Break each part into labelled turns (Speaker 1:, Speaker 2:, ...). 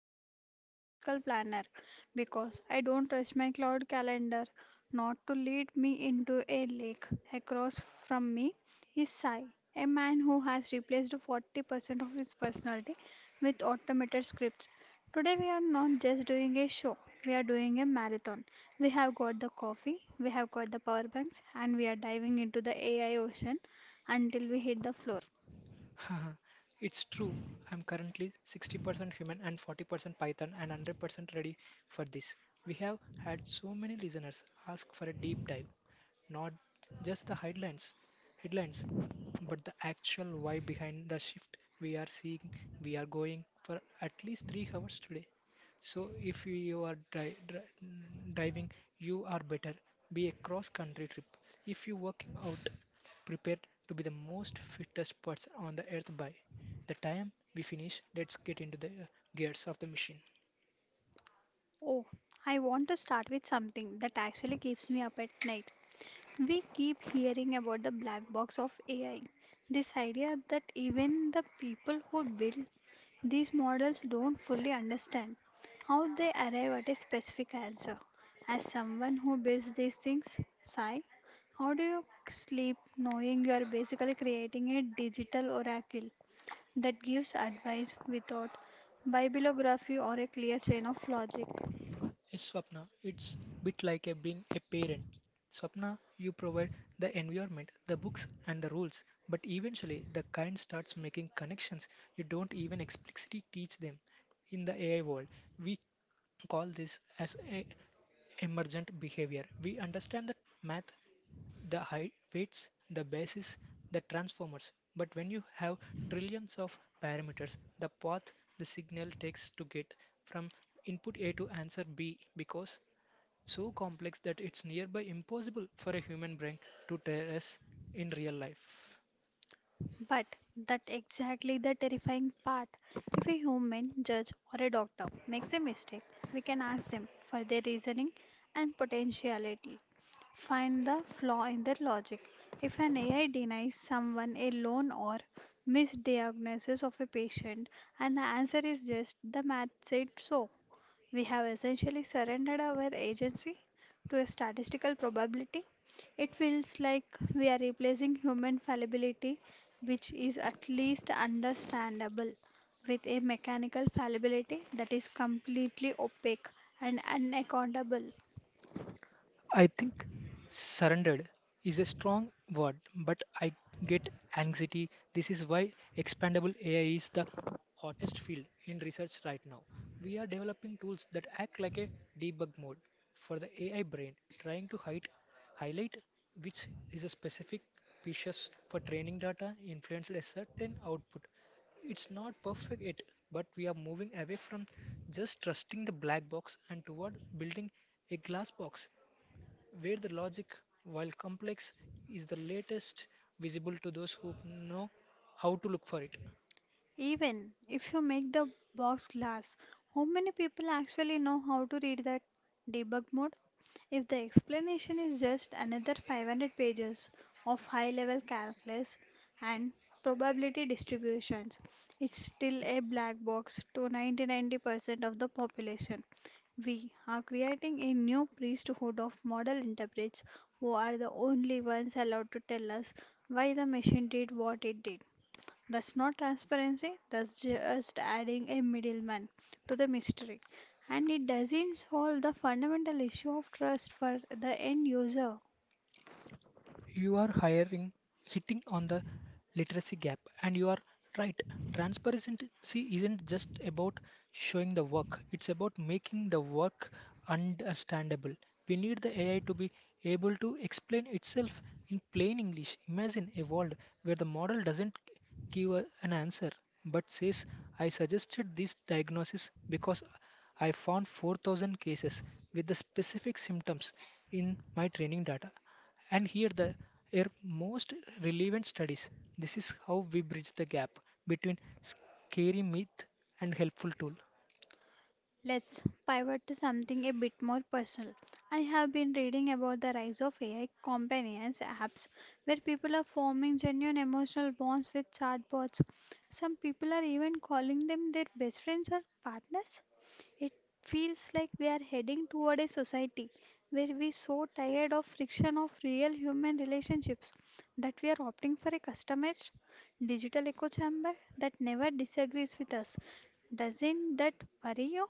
Speaker 1: who still uses a physical planner because I don't trust my cloud calendar not to lead me into a lake. Across from me is Sai, a man who has replaced 40% of his personality with automated scripts. Today we are not just doing a show, we are doing a marathon. We have got the coffee, we have got the power banks, and we are diving into the AI ocean until we hit the floor.
Speaker 2: It's true. I'm currently 60% human and 40% Python and 100% ready for this. We have had so many listeners ask for a deep dive, not just the headlines, but the actual why behind the shift we are seeing. We are going for at least 3 hours today. So if you are driving, you are better. Be a cross-country trip. If you're working out, prepare to be the most fittest person on the earth by the time we finish. Let's get into the gears of the machine.
Speaker 1: Oh, I want to start with something that actually keeps me up at night. We keep hearing about the black box of AI. This idea that even the people who build these models don't fully understand how they arrive at a specific answer. As someone who builds these things, Sai, how do you sleep knowing you are basically creating a digital oracle that gives advice without bibliography or a clear chain of logic?
Speaker 2: Yes, Swapna, it's bit like a being a parent. Swapna, you provide the environment, the books, and the rules, but eventually the kind starts making connections you don't even explicitly teach them. In the AI world, we call this as a emergent behavior. We understand the math, the high weights, the basis, the transformers. But when you have trillions of parameters, the path the signal takes to get from input A to answer B because so complex that it's nearby impossible for a human brain to trace in real life.
Speaker 1: But that exactly the terrifying part. If a human judge or a doctor makes a mistake, we can ask them for their reasoning and potentiality. Find the flaw in their logic. If an AI denies someone a loan or misdiagnoses of a patient and the answer is just the math said so, we have essentially surrendered our agency to a statistical probability. It feels like we are replacing human fallibility, which is at least understandable, with a mechanical fallibility that is completely opaque and unaccountable.
Speaker 2: I think surrendered is a strong word, but I get anxiety. This is why expandable AI is the hottest field in research right now. We are developing tools that act like a debug mode for the AI brain, trying to hide, highlight which is a specific pieces for training data influenced a certain output. It's not perfect yet, but we are moving away from just trusting the black box and toward building a glass box where the logic, while complex, is the latest visible to those who know how to look for it.
Speaker 1: Even if you make the box glass, how many people actually know how to read that debug mode? If the explanation is just another 500 pages of high level calculus and probability distributions, it's still a black box to 99% of the population. We are creating a new priesthood of model interprets who are the only ones allowed to tell us why the machine did what it did. That's not transparency, that's just adding a middleman to the mystery. And it doesn't solve the fundamental issue of trust for the end user.
Speaker 2: You are hiring, hitting on the literacy gap, and you are right. Transparency isn't just about showing the work, it's about making the work understandable. We need the AI to be able to explain itself in plain English. Imagine a world where the model doesn't give an answer but says, I suggested this diagnosis because I found 4000 cases with the specific symptoms in my training data. And here the are most relevant studies. This is how we bridge the gap between scary myth and helpful tool.
Speaker 1: Let's pivot to something a bit more personal. I have been reading about the rise of AI companions apps where people are forming genuine emotional bonds with chatbots. Some people are even calling them their best friends or partners. It feels like we are heading toward a society where we're so tired of friction of real human relationships that we are opting for a customized digital echo chamber that never disagrees with us. Doesn't that worry you?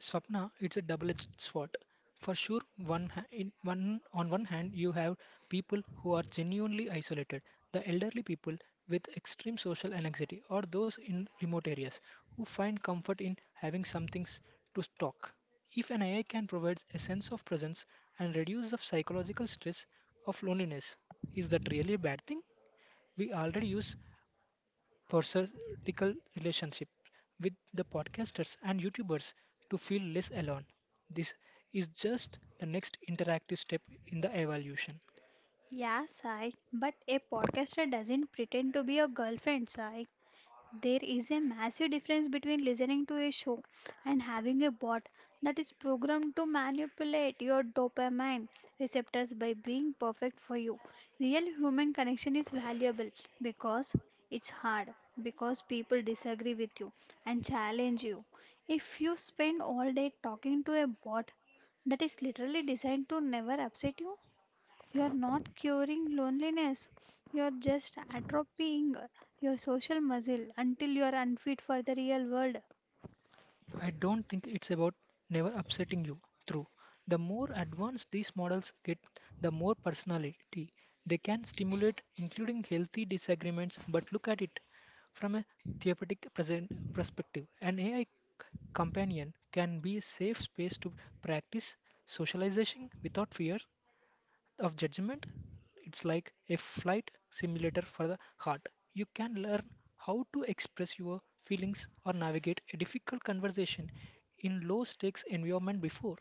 Speaker 2: Swapna, it's a double-edged sword. For sure, in one hand, you have people who are genuinely isolated, the elderly people with extreme social anxiety, or those in remote areas who find comfort in having something to talk. If an AI can provide a sense of presence and reduce the psychological stress of loneliness, is that really a bad thing? We already use parasocial relationship with the podcasters and YouTubers to feel less alone. This is just the next interactive step in the evolution.
Speaker 1: Yeah, Sai, but a podcaster doesn't pretend to be your girlfriend, Sai. There is a massive difference between listening to a show and having a bot that is programmed to manipulate your dopamine receptors by being perfect for you. Real human connection is valuable because it's hard, because people disagree with you and challenge you. If you spend all day talking to a bot that is literally designed to never upset you, you're not curing loneliness, you're just atrophying your social muscle until you're unfit for the real world.
Speaker 2: I don't think it's about never upsetting you. Through the more advanced these models get, the more personality they can stimulate, including healthy disagreements. But look at it from a therapeutic present perspective. An AI companion can be a safe space to practice socialization without fear of judgment. It's like a flight simulator for the heart. You can learn how to express your feelings or navigate a difficult conversation in low stakes environment before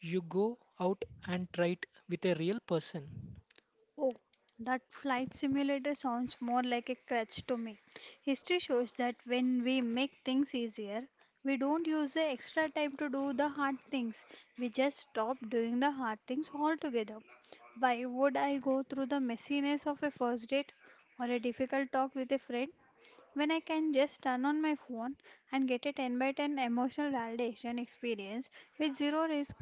Speaker 2: you go out and try it with a real person.
Speaker 1: Oh, that flight simulator sounds more like a crutch to me. History shows that when we make things easier, we don't use the extra time to do the hard things. We just stop doing the hard things altogether. Why would I go through the messiness of a first date or a difficult talk with a friend when I can just turn on my phone and get a 10 by 10 emotional validation experience with zero risk.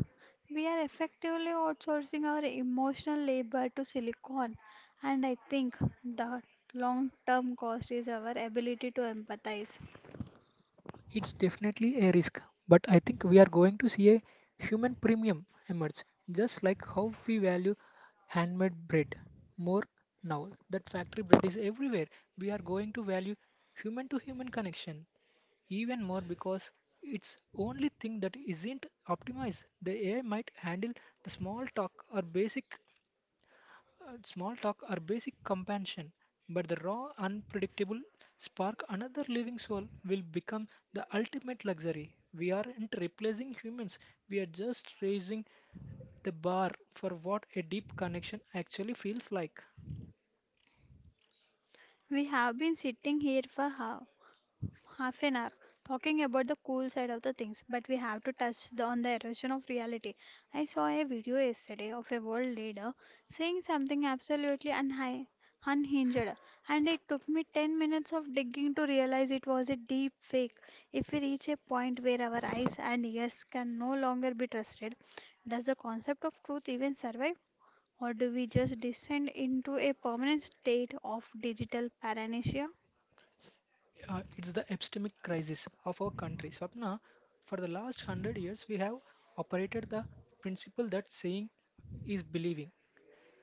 Speaker 1: We are effectively outsourcing our emotional labor to Silicon. And I think the long term cost is our ability to empathize.
Speaker 2: It's definitely a risk, but I think we are going to see a human premium emerge just like how we value handmade bread more now that factory bread is everywhere. We are going to value human to human connection even more because it's only thing that isn't optimized. The AI might handle the small talk or basic compassion, but the raw, unpredictable spark another living soul will become the ultimate luxury. We aren't replacing humans. We are just raising the bar for what a deep connection actually feels like.
Speaker 1: We have been sitting here for half an hour talking about the cool side of the things, but we have to touch on the erosion of reality. I saw a video yesterday of a world leader saying something absolutely unhinged, and it took me 10 minutes of digging to realize it was a deep fake. If we reach a point where our eyes and ears can no longer be trusted, does the concept of truth even survive? Or do we just descend into a permanent state of digital paranoia?
Speaker 2: It's the epistemic crisis of our country. Swapna, for the last 100 years, we have operated the principle that saying is believing.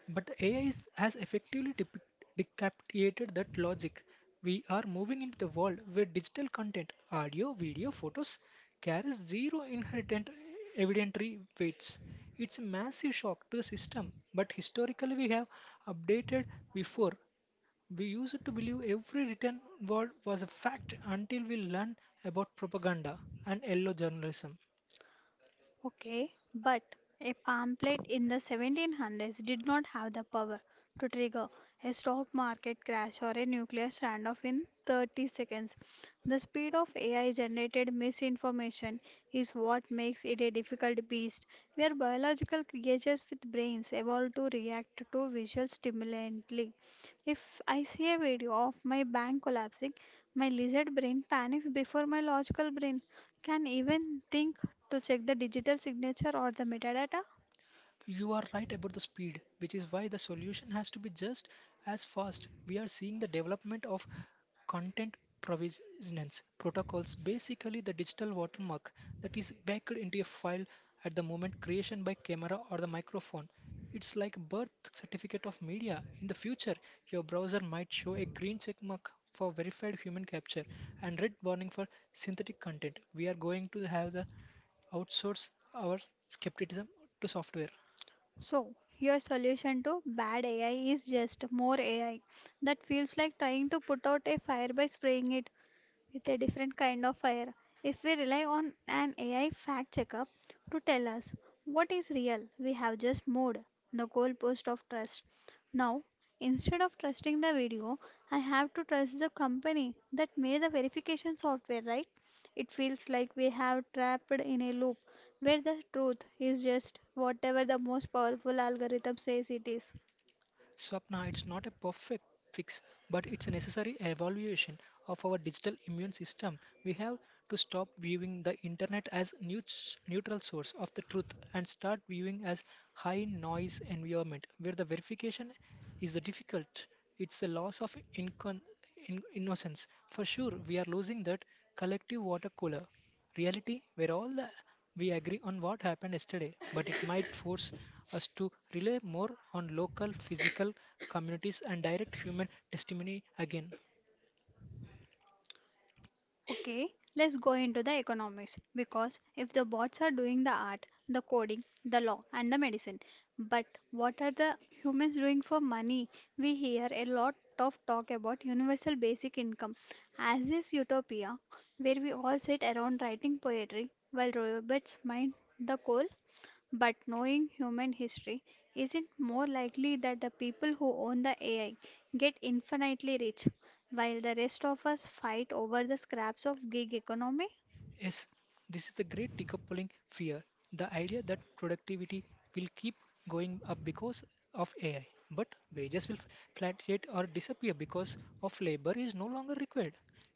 Speaker 2: But the AI is, has effectively decapitated that logic. We are moving into the world where digital content, audio, video, photos, carries zero inherent evidentiary weights. It's a massive shock to the system, but historically we have updated before. We used to believe every written word was a fact until we learned about propaganda and yellow journalism.
Speaker 1: Okay, but a pamphlet in the 1700s did not have the power to trigger a stock market crash or a nuclear standoff in 30 seconds. The speed of AI generated misinformation is what makes it a difficult beast. We are biological creatures with brains evolved to react to visual stimulantly. If I see a video of my bank collapsing, my lizard brain panics before my logical brain can even think to check the digital signature or the metadata.
Speaker 2: You are right about the speed, which is why the solution has to be just as fast. We are seeing the development of content provenance protocols, basically the digital watermark that is baked into a file at the moment creation by camera or the microphone. It's like a birth certificate of media. In the future, your browser might show a green check mark for verified human capture and red warning for synthetic content. We are going to have the outsource our skepticism to software.
Speaker 1: So, your solution to bad AI is just more AI. That feels like trying to put out a fire by spraying it with a different kind of fire. If we rely on an AI fact checker to tell us what is real, we have just moved the goalpost of trust. Now, instead of trusting the video, I have to trust the company that made the verification software, right? It feels like we have trapped in a loop where the truth is just whatever the most powerful algorithm says it is.
Speaker 2: Swapna, it's not a perfect fix, but it's a necessary evaluation of our digital immune system. We have to stop viewing the internet as neutral source of the truth and start viewing as high noise environment where the verification is the difficult. It's a loss of innocence. For sure, we are losing that collective water cooler reality where all the we agree on what happened yesterday, but it might force us to rely more on local physical communities and direct human testimony again.
Speaker 1: Okay, let's go into the economics, because if the bots are doing the art, the coding, the law, and the medicine, but what are the humans doing for money? We hear a lot of talk about universal basic income as this utopia where we all sit around writing poetry while robots mine the coal, but knowing human history, is it more likely that the people who own the AI get infinitely rich, while the rest of us fight over the scraps of gig economy?
Speaker 2: Yes, this is the great decoupling fear. The idea that productivity will keep going up because of AI, but wages will fluctuate or disappear because of labor is no longer required.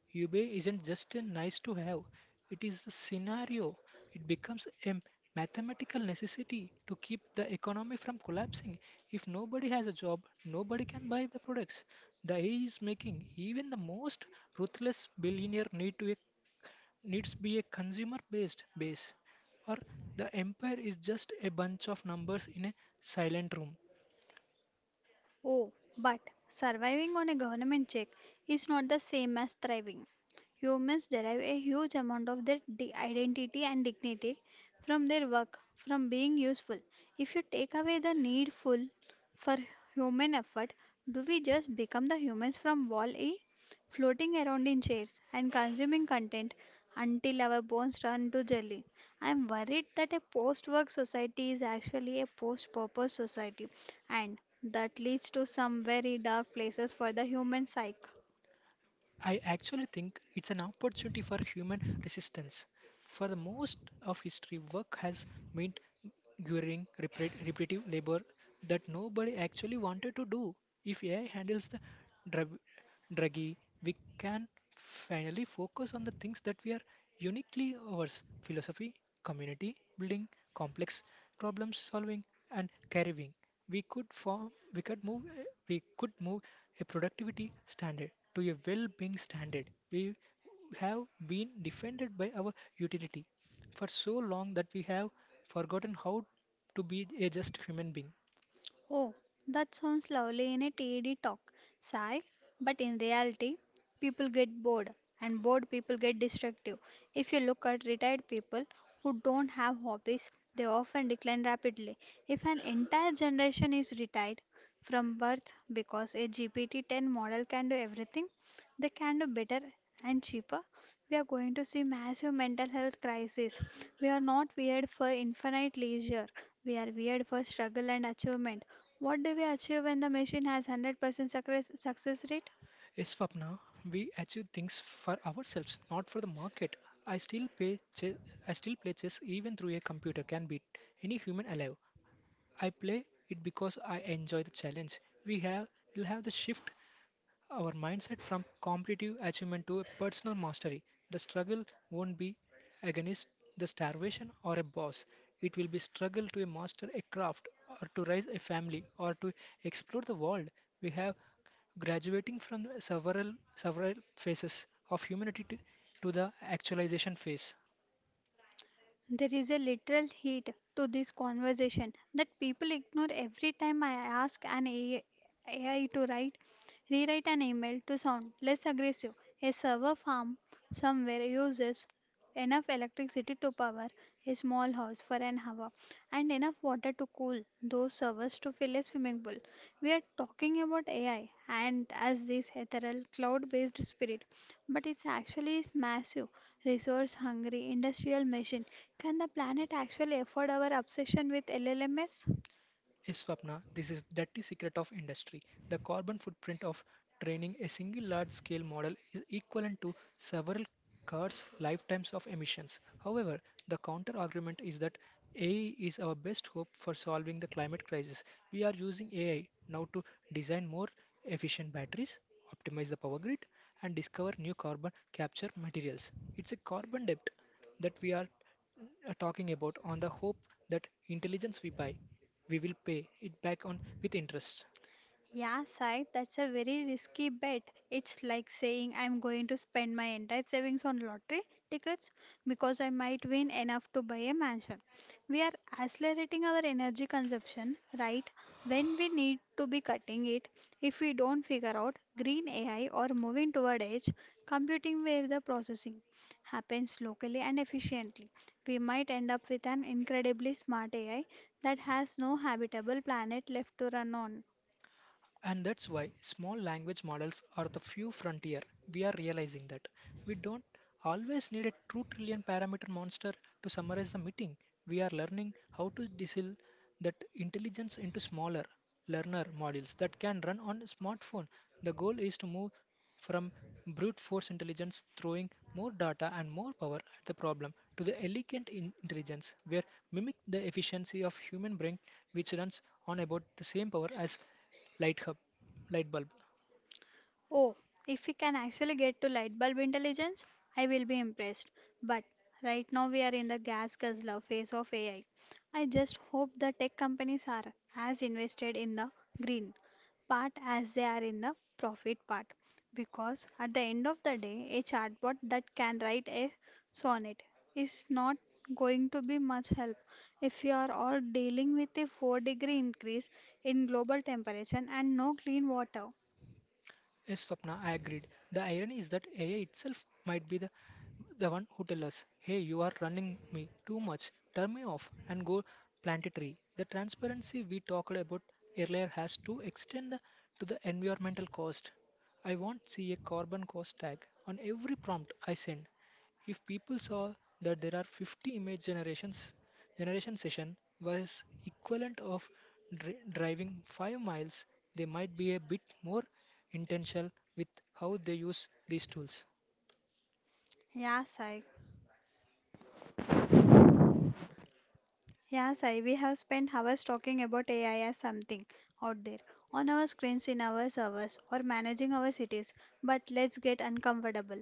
Speaker 2: UBA isn't just a nice to have, it is the scenario. It becomes a mathematical necessity to keep the economy from collapsing. If nobody has a job, nobody can buy the products. The AI is making even the most ruthless billionaire need to a needs be a consumer-based base, or the empire is just a bunch of numbers in a silent room.
Speaker 1: Oh, but surviving on a government check is not the same as thriving. Humans derive a huge amount of their identity and dignity from their work, from being useful. If you take away the need full for human effort, do we just become the humans from Wall E, floating around in chairs and consuming content until our bones turn to jelly? I'm worried that a post work society is actually a post purpose society, and that leads to some very dark places for the human psyche.
Speaker 2: I actually think it's an opportunity for human resistance. For the most of history, work has meant grueling, repetitive labor that nobody actually wanted to do. If AI handles the drug- druggy, we can finally focus on the things that we are uniquely ours philosophy, community building, complex problem solving, and caring. We we could move a productivity standard to a well-being standard. We have been defended by our utility for so long that we have forgotten how to be a just human being.
Speaker 1: Oh, that sounds lovely in a TED talk, Sai. But in reality, people get bored, and bored people get destructive. If you look at retired people who don't have hobbies, they often decline rapidly. If an entire generation is retired from birth because a GPT 10 model can do everything, they can do better and cheaper, we are going to see massive mental health crisis. We are not weird for infinite leisure. We are weird for struggle and achievement. What do we achieve when the machine has 100% success rate?
Speaker 2: A Swapna, we achieve things for ourselves not for the market. i still pay chess, I still play chess even through a computer can beat any human alive. I play it because I enjoy the challenge. We have will have the shift our mindset from competitive achievement to a personal mastery. The struggle won't be against the starvation or a boss. It will be struggle to master a craft or to raise a family or to explore the world. We have graduating from several phases of humanity to the actualization phase.
Speaker 1: There is a literal heat to this conversation that people ignore every time I ask an AI to rewrite an email to sound less aggressive. A server farm somewhere uses enough electricity to power a small house for an hour and enough water to cool those servers to fill a swimming pool. We are talking about AI and as this ethereal cloud based spirit, but it's actually a massive resource hungry industrial machine. Can the planet actually afford our obsession with LLMs?
Speaker 2: Is Swapna, this is dirty secret of industry. The carbon footprint of training a single large-scale model is equivalent to several cars' lifetimes of emissions. However, the counter-argument is that AI is our best hope for solving the climate crisis. We are using AI now to design more efficient batteries, optimize the power grid, and discover new carbon capture materials. It's a carbon debt that we are talking about on the hope that intelligence we buy we will pay it back on with interest.
Speaker 1: Yeah, Sai, that's a very risky bet. It's like saying I'm going to spend my entire savings on lottery tickets because I might win enough to buy a mansion. We are accelerating our energy consumption right when we need to be cutting it. If we don't figure out green AI or moving toward edge computing where the processing happens locally and efficiently, we might end up with an incredibly smart AI that has no habitable planet left to run on.
Speaker 2: And that's why small language models are the few frontier. We are realizing that. We don't always need a 2 trillion parameter monster to summarize the meeting. We are learning how to distill that intelligence into smaller, learner modules that can run on a smartphone. The goal is to move from brute force intelligence throwing more data and more power at the problem to the elegant intelligence where mimic the efficiency of human brain which runs on about the same power as light hub light bulb.
Speaker 1: Oh, if we can actually get to light bulb intelligence, I will be impressed. But right now we are in the gas guzzler phase of AI. I just hope the tech companies are as invested in the green part as they are in the profit part. Because at the end of the day, a chatbot that can write a sonnet is not going to be much help if you are all dealing with a 4-degree increase in global temperature and no clean water.
Speaker 2: Yes, Swapna, I agreed. The irony is that AI itself might be the one who tells us, hey, you are running me too much, turn me off, and go plant a tree. The transparency we talked about earlier has to extend to the environmental cost. I want see a carbon cost tag on every prompt I send. If people saw that there are generation session was equivalent of driving 5 miles, they might be a bit more intentional with how they use these tools.
Speaker 1: Yeah, Sai. Yeah, Sai, we have spent hours talking about AI as something out there, on our screens, in our servers, or managing our cities. But let's get uncomfortable.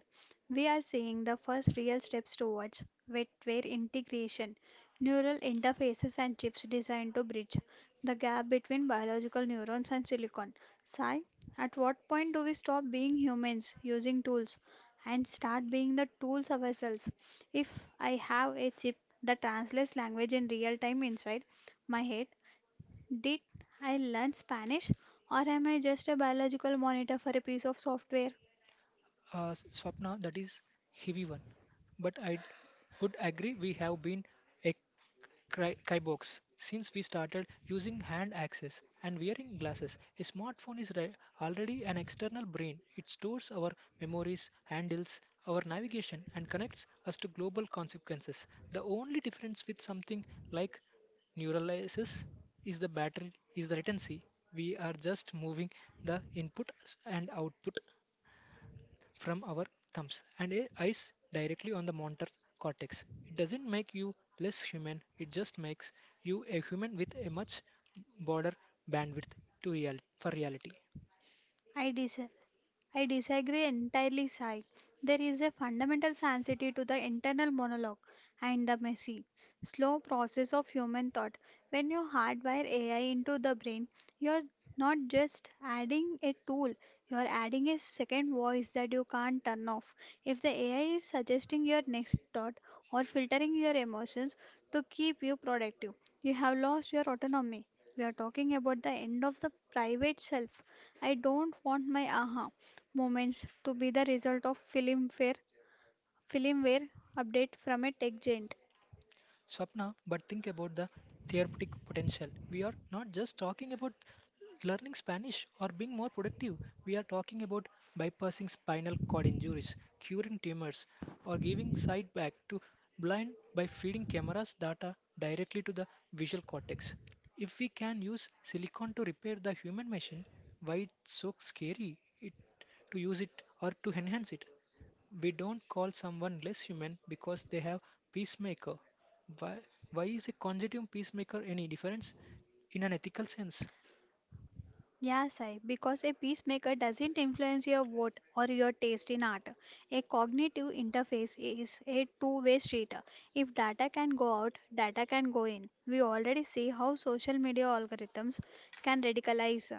Speaker 1: We are seeing the first real steps towards wetware integration, neural interfaces, and chips designed to bridge the gap between biological neurons and silicon. Sai, at what point do we stop being humans using tools and start being the tools ourselves? If I have a chip that translates language in real time inside my head, did I learn Spanish or am I just a biological monitor for a piece of software?
Speaker 2: Swapna, that is heavy one. But I would agree we have been a Kybox. Since we started using hand access and wearing glasses, a smartphone is already an external brain. It stores our memories, handles our navigation, and connects us to global consequences. The only difference with something like neuralysis is the battery is the latency. We are just moving the input and output from our thumbs and eyes directly on the motor cortex. It doesn't make you less human, it just makes you a human with a much broader bandwidth to for reality.
Speaker 1: I, des- I disagree entirely, Sai. There is a fundamental sanctity to the internal monologue and the messy, slow process of human thought. When you hardwire AI into the brain, you're not just adding a tool, you're adding a second voice that you can't turn off. If the AI is suggesting your next thought or filtering your emotions to keep you productive, you have lost your autonomy. We are talking about the end of the private self. I don't want my aha moments to be the result of filmware update from a tech giant.
Speaker 2: Swapna, but think about the therapeutic potential. We are not just talking about learning Spanish or being more productive. We are talking about bypassing spinal cord injuries, curing tumors, or giving sight back to blind by feeding cameras data directly to the visual cortex. If we can use silicon to repair the human machine, why it's so scary it, to use it or to enhance it? We don't call someone less human because they have peacemaker. Why, why is a conjunctive peacemaker any difference in an ethical sense?
Speaker 1: Yeah, Sai, because a peacemaker doesn't influence your vote or your taste in art. A cognitive interface is a two-way street. If data can go out, data can go in. We already see how social media algorithms can radicalize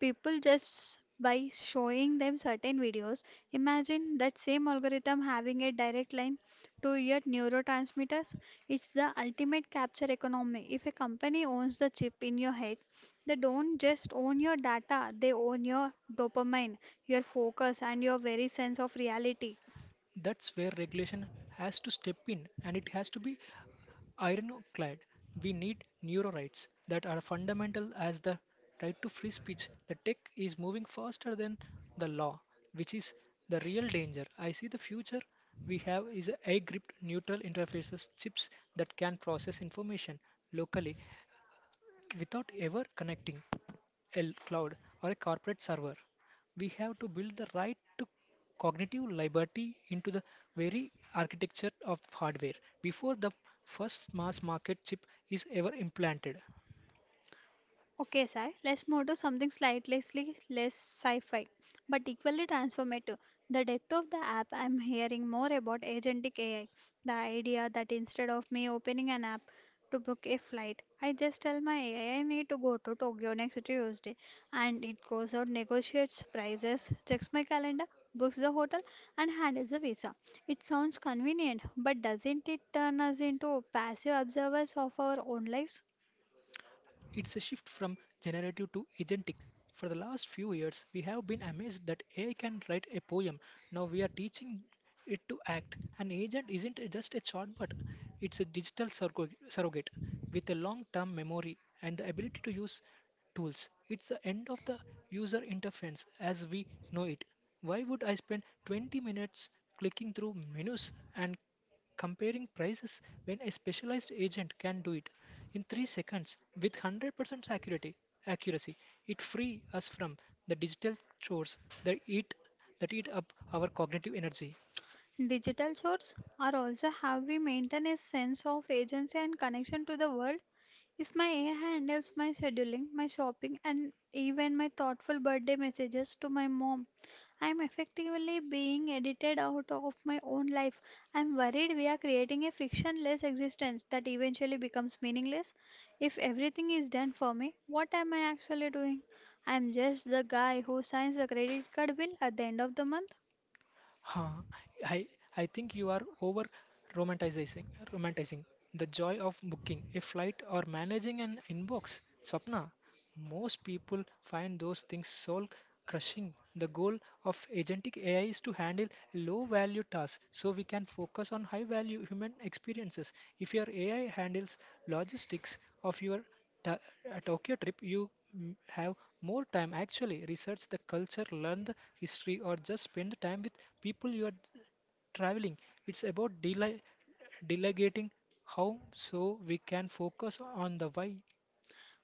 Speaker 1: people just by showing them certain videos. Imagine that same algorithm having a direct line to your neurotransmitters. It's the ultimate capture economy. If a company owns the chip in your head, they don't just own your data, they own your dopamine, your focus, and your very sense of reality.
Speaker 2: That's where regulation has to step in, and it has to be ironclad. We need neuro rights that are fundamental as the right to free speech. The tech is moving faster than the law, which is the real danger. I see the future we have is a air gripped neutral interfaces chips that can process information locally without ever connecting a cloud or a corporate server. We have to build the right to cognitive liberty into the very architecture of hardware before the first mass market chip is ever implanted.
Speaker 1: Okay, Sai, let's move to something less sci fi, but equally transformative. The depth of the app, I'm hearing more about agentic AI. The idea that instead of me opening an app to book a flight, I just tell my AI I need to go to Tokyo next Tuesday, and it goes out, negotiates prices, checks my calendar, books the hotel, and handles the visa. It sounds convenient, but doesn't it turn us into passive observers of our own lives?
Speaker 2: It's a shift from generative to agentic. For the last few years, we have been amazed that AI can write a poem. Now we are teaching it to act. An agent isn't just a chatbot, it's a digital surrogate with a long term memory and the ability to use tools. It's the end of the user interface as we know it. Why would I spend 20 minutes clicking through menus and comparing prices when a specialized agent can do it in 3 seconds with 100% accuracy accuracy. It frees us from the digital chores that eat that eat up our cognitive energy.
Speaker 1: Digital shorts are also how we maintain a sense of agency and connection to the world. If my AI handles my scheduling, my shopping, and even my thoughtful birthday messages to my mom, I am effectively being edited out of my own life. I am worried we are creating a frictionless existence that eventually becomes meaningless. If everything is done for me, what am I actually doing? I am just the guy who signs the credit card bill at the end of the month.
Speaker 2: Huh, i i think you are over romanticizing romanticizing the joy of booking a flight or managing an inbox, Swapna. Most people find those things soul crushing. The goal of agentic AI is to handle low value tasks so we can focus on high value human experiences. If your AI handles logistics of your ta- Tokyo trip, you have more time actually research the culture, learn the history, or just spend the time with people you are traveling. It's about delegating how so we can focus on the why.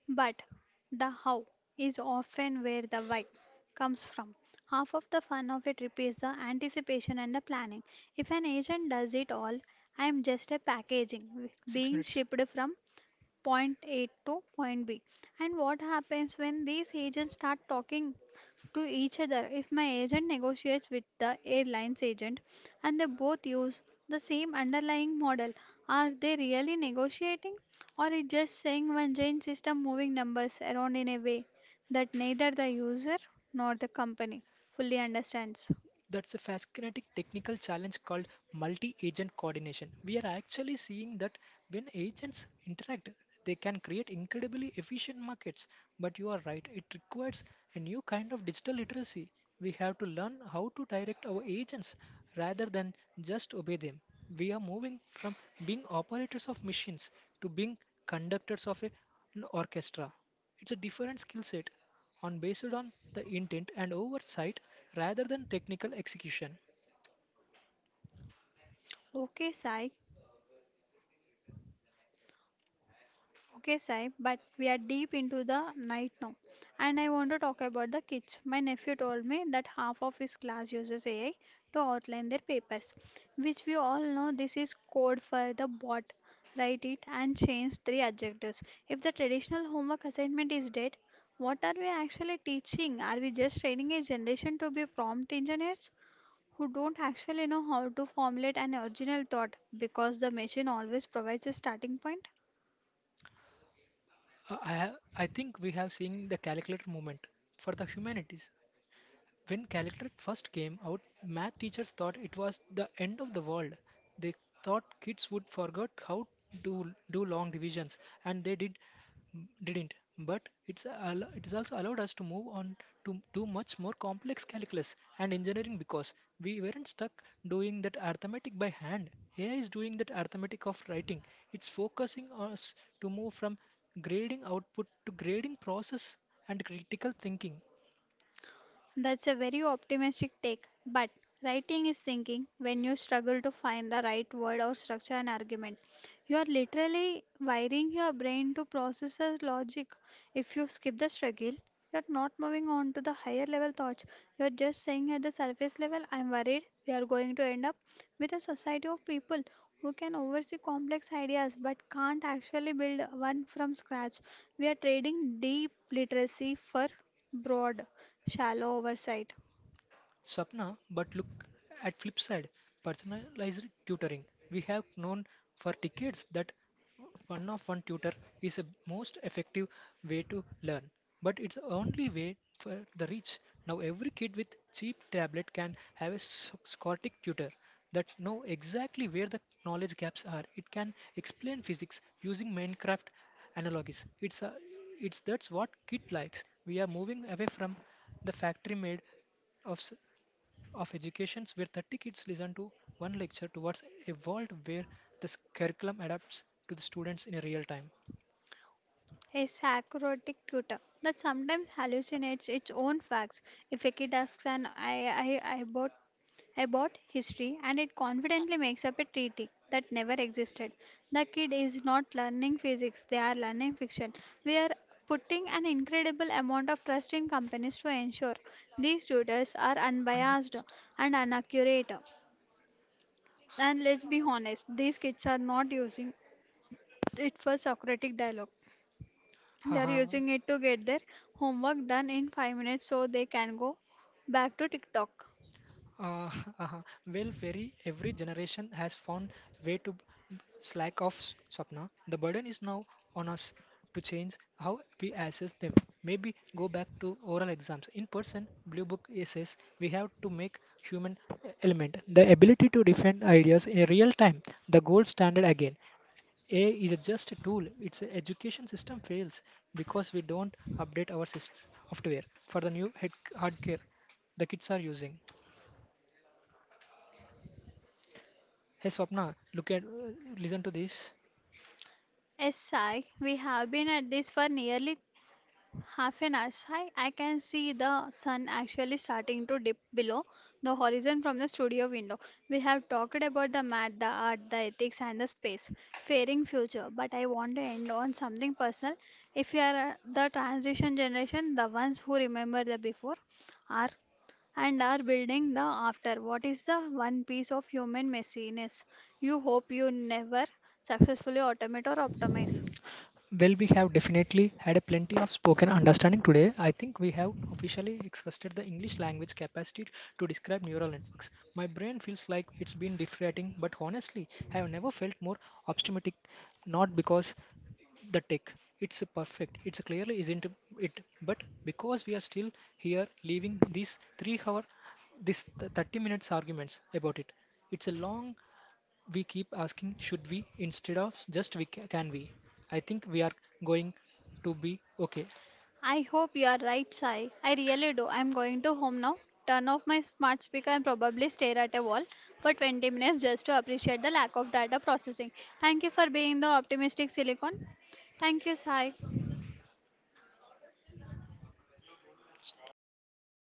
Speaker 1: But the how is often where the why comes from. Half of the fun of a trip is the anticipation and the planning. If an agent does it all, I am just a packaging being shipped from point A to point B. And what happens when these agents start talking to each other? If my agent negotiates with the airline's agent and they both use the same underlying model, are they really negotiating? Or is just saying one giant system moving numbers around in a way that neither the user nor the company fully understands?
Speaker 2: That's a fascinating technical challenge called multi agent coordination. We are actually seeing that when agents interact, they can create incredibly efficient markets. But you are right, it requires a new kind of digital literacy. We have to learn how to direct our agents rather than just obey them. We are moving from being operators of machines to being conductors of an orchestra. It's a different skill set on based on the intent and oversight rather than technical execution.
Speaker 1: Okay, Sai, Okay, Sai, but we are deep into the night now. And I want to talk about the kids. My nephew told me that half of his class uses AI to outline their papers, which we all know this is code for the bot. Write it and change three adjectives. If the traditional homework assignment is dead, what are we actually teaching? Are we just training a generation to be prompt engineers who don't actually know how to formulate an original thought because the machine always provides a starting point?
Speaker 2: I think we have seen the calculator movement for the humanities. When calculator first came out, math teachers thought it was the end of the world. They thought kids would forget how to do long divisions, and they didn't, but it's it is also allowed us to move on to do much more complex calculus and engineering because we weren't stuck doing that arithmetic by hand. AI is doing that arithmetic of writing. It's focusing us to move from grading output to grading process and critical thinking.
Speaker 1: That's a very optimistic take, but writing is thinking when you struggle to find the right word or structure an argument. You are literally wiring your brain to process a logic. If you skip the struggle, you're not moving on to the higher level thoughts. You're just saying at the surface level, I'm worried we are going to end up with a society of people who can oversee complex ideas but can't actually build one from scratch. We are trading deep literacy for broad shallow oversight.
Speaker 2: Swapna, but look at flip side, personalized tutoring. We have known for decades that one-of-one tutor is the most effective way to learn, but it's the only way for the rich. Now every kid with cheap tablet can have a Scottic tutor that know exactly where the knowledge gaps are. It can explain physics using Minecraft analogies. It's a, it's That's what kid likes. We are moving away from the factory made of s- of educations where 30 kids listen to one lecture towards a world where the curriculum adapts to the students in real time.
Speaker 1: A sacrotic tutor that sometimes hallucinates its own facts. If a kid asks an I bought history and it confidently makes up a treaty that never existed, the kid is not learning physics, they are learning fiction. We are putting an incredible amount of trust in companies to ensure these tutors are
Speaker 2: Another
Speaker 1: unbiased
Speaker 2: system.
Speaker 1: and inaccurate. And let's be honest, these kids are not using it for Socratic dialogue. They are
Speaker 2: Haha.
Speaker 1: using it to get their homework done in 5 minutes so they can go back to TikTok.
Speaker 2: Uh, uh, well, very every generation has found way to slack off, Swapna. The burden is now on us to change how we assess them. Maybe go back to oral exams. In person, Blue Book essays, we have to make human element, the ability to defend ideas in real time, the gold standard again. A is just a tool. Its education system fails because we don't update our systems software for the new head hardware the kids are using. Hey Swapna, look at listen to this.
Speaker 1: Yes, Sai, we have been at this for nearly half an hour. Sai, I can see the sun actually starting to dip below the horizon from the studio window. We have talked about the math, the art, the ethics, and the space, faring future. But I want to end on something personal. If you are the transition generation, the ones who remember the before, are and are building the after. What is the one piece of human messiness you hope you never successfully automate or optimize?
Speaker 2: Well, we have definitely had a plenty of spoken understanding today. I think we have officially exhausted the English language capacity to describe neural networks. My brain feels like it's been deflating, but honestly, I have never felt more optimistic. Not because the tech it's perfect, it's clearly isn't it, but because we are still here, leaving these three-hour, this th- 30 minutes arguments about it. It's a long we keep asking should we instead of just we can we. I think we are going to be okay.
Speaker 1: I hope you are right, Sai. I really do. I'm going to home now, turn off my smart speaker, and probably stare at a wall for 20 minutes just to appreciate the lack of data processing. Thank you for being the optimistic silicon. Thank you, Sai.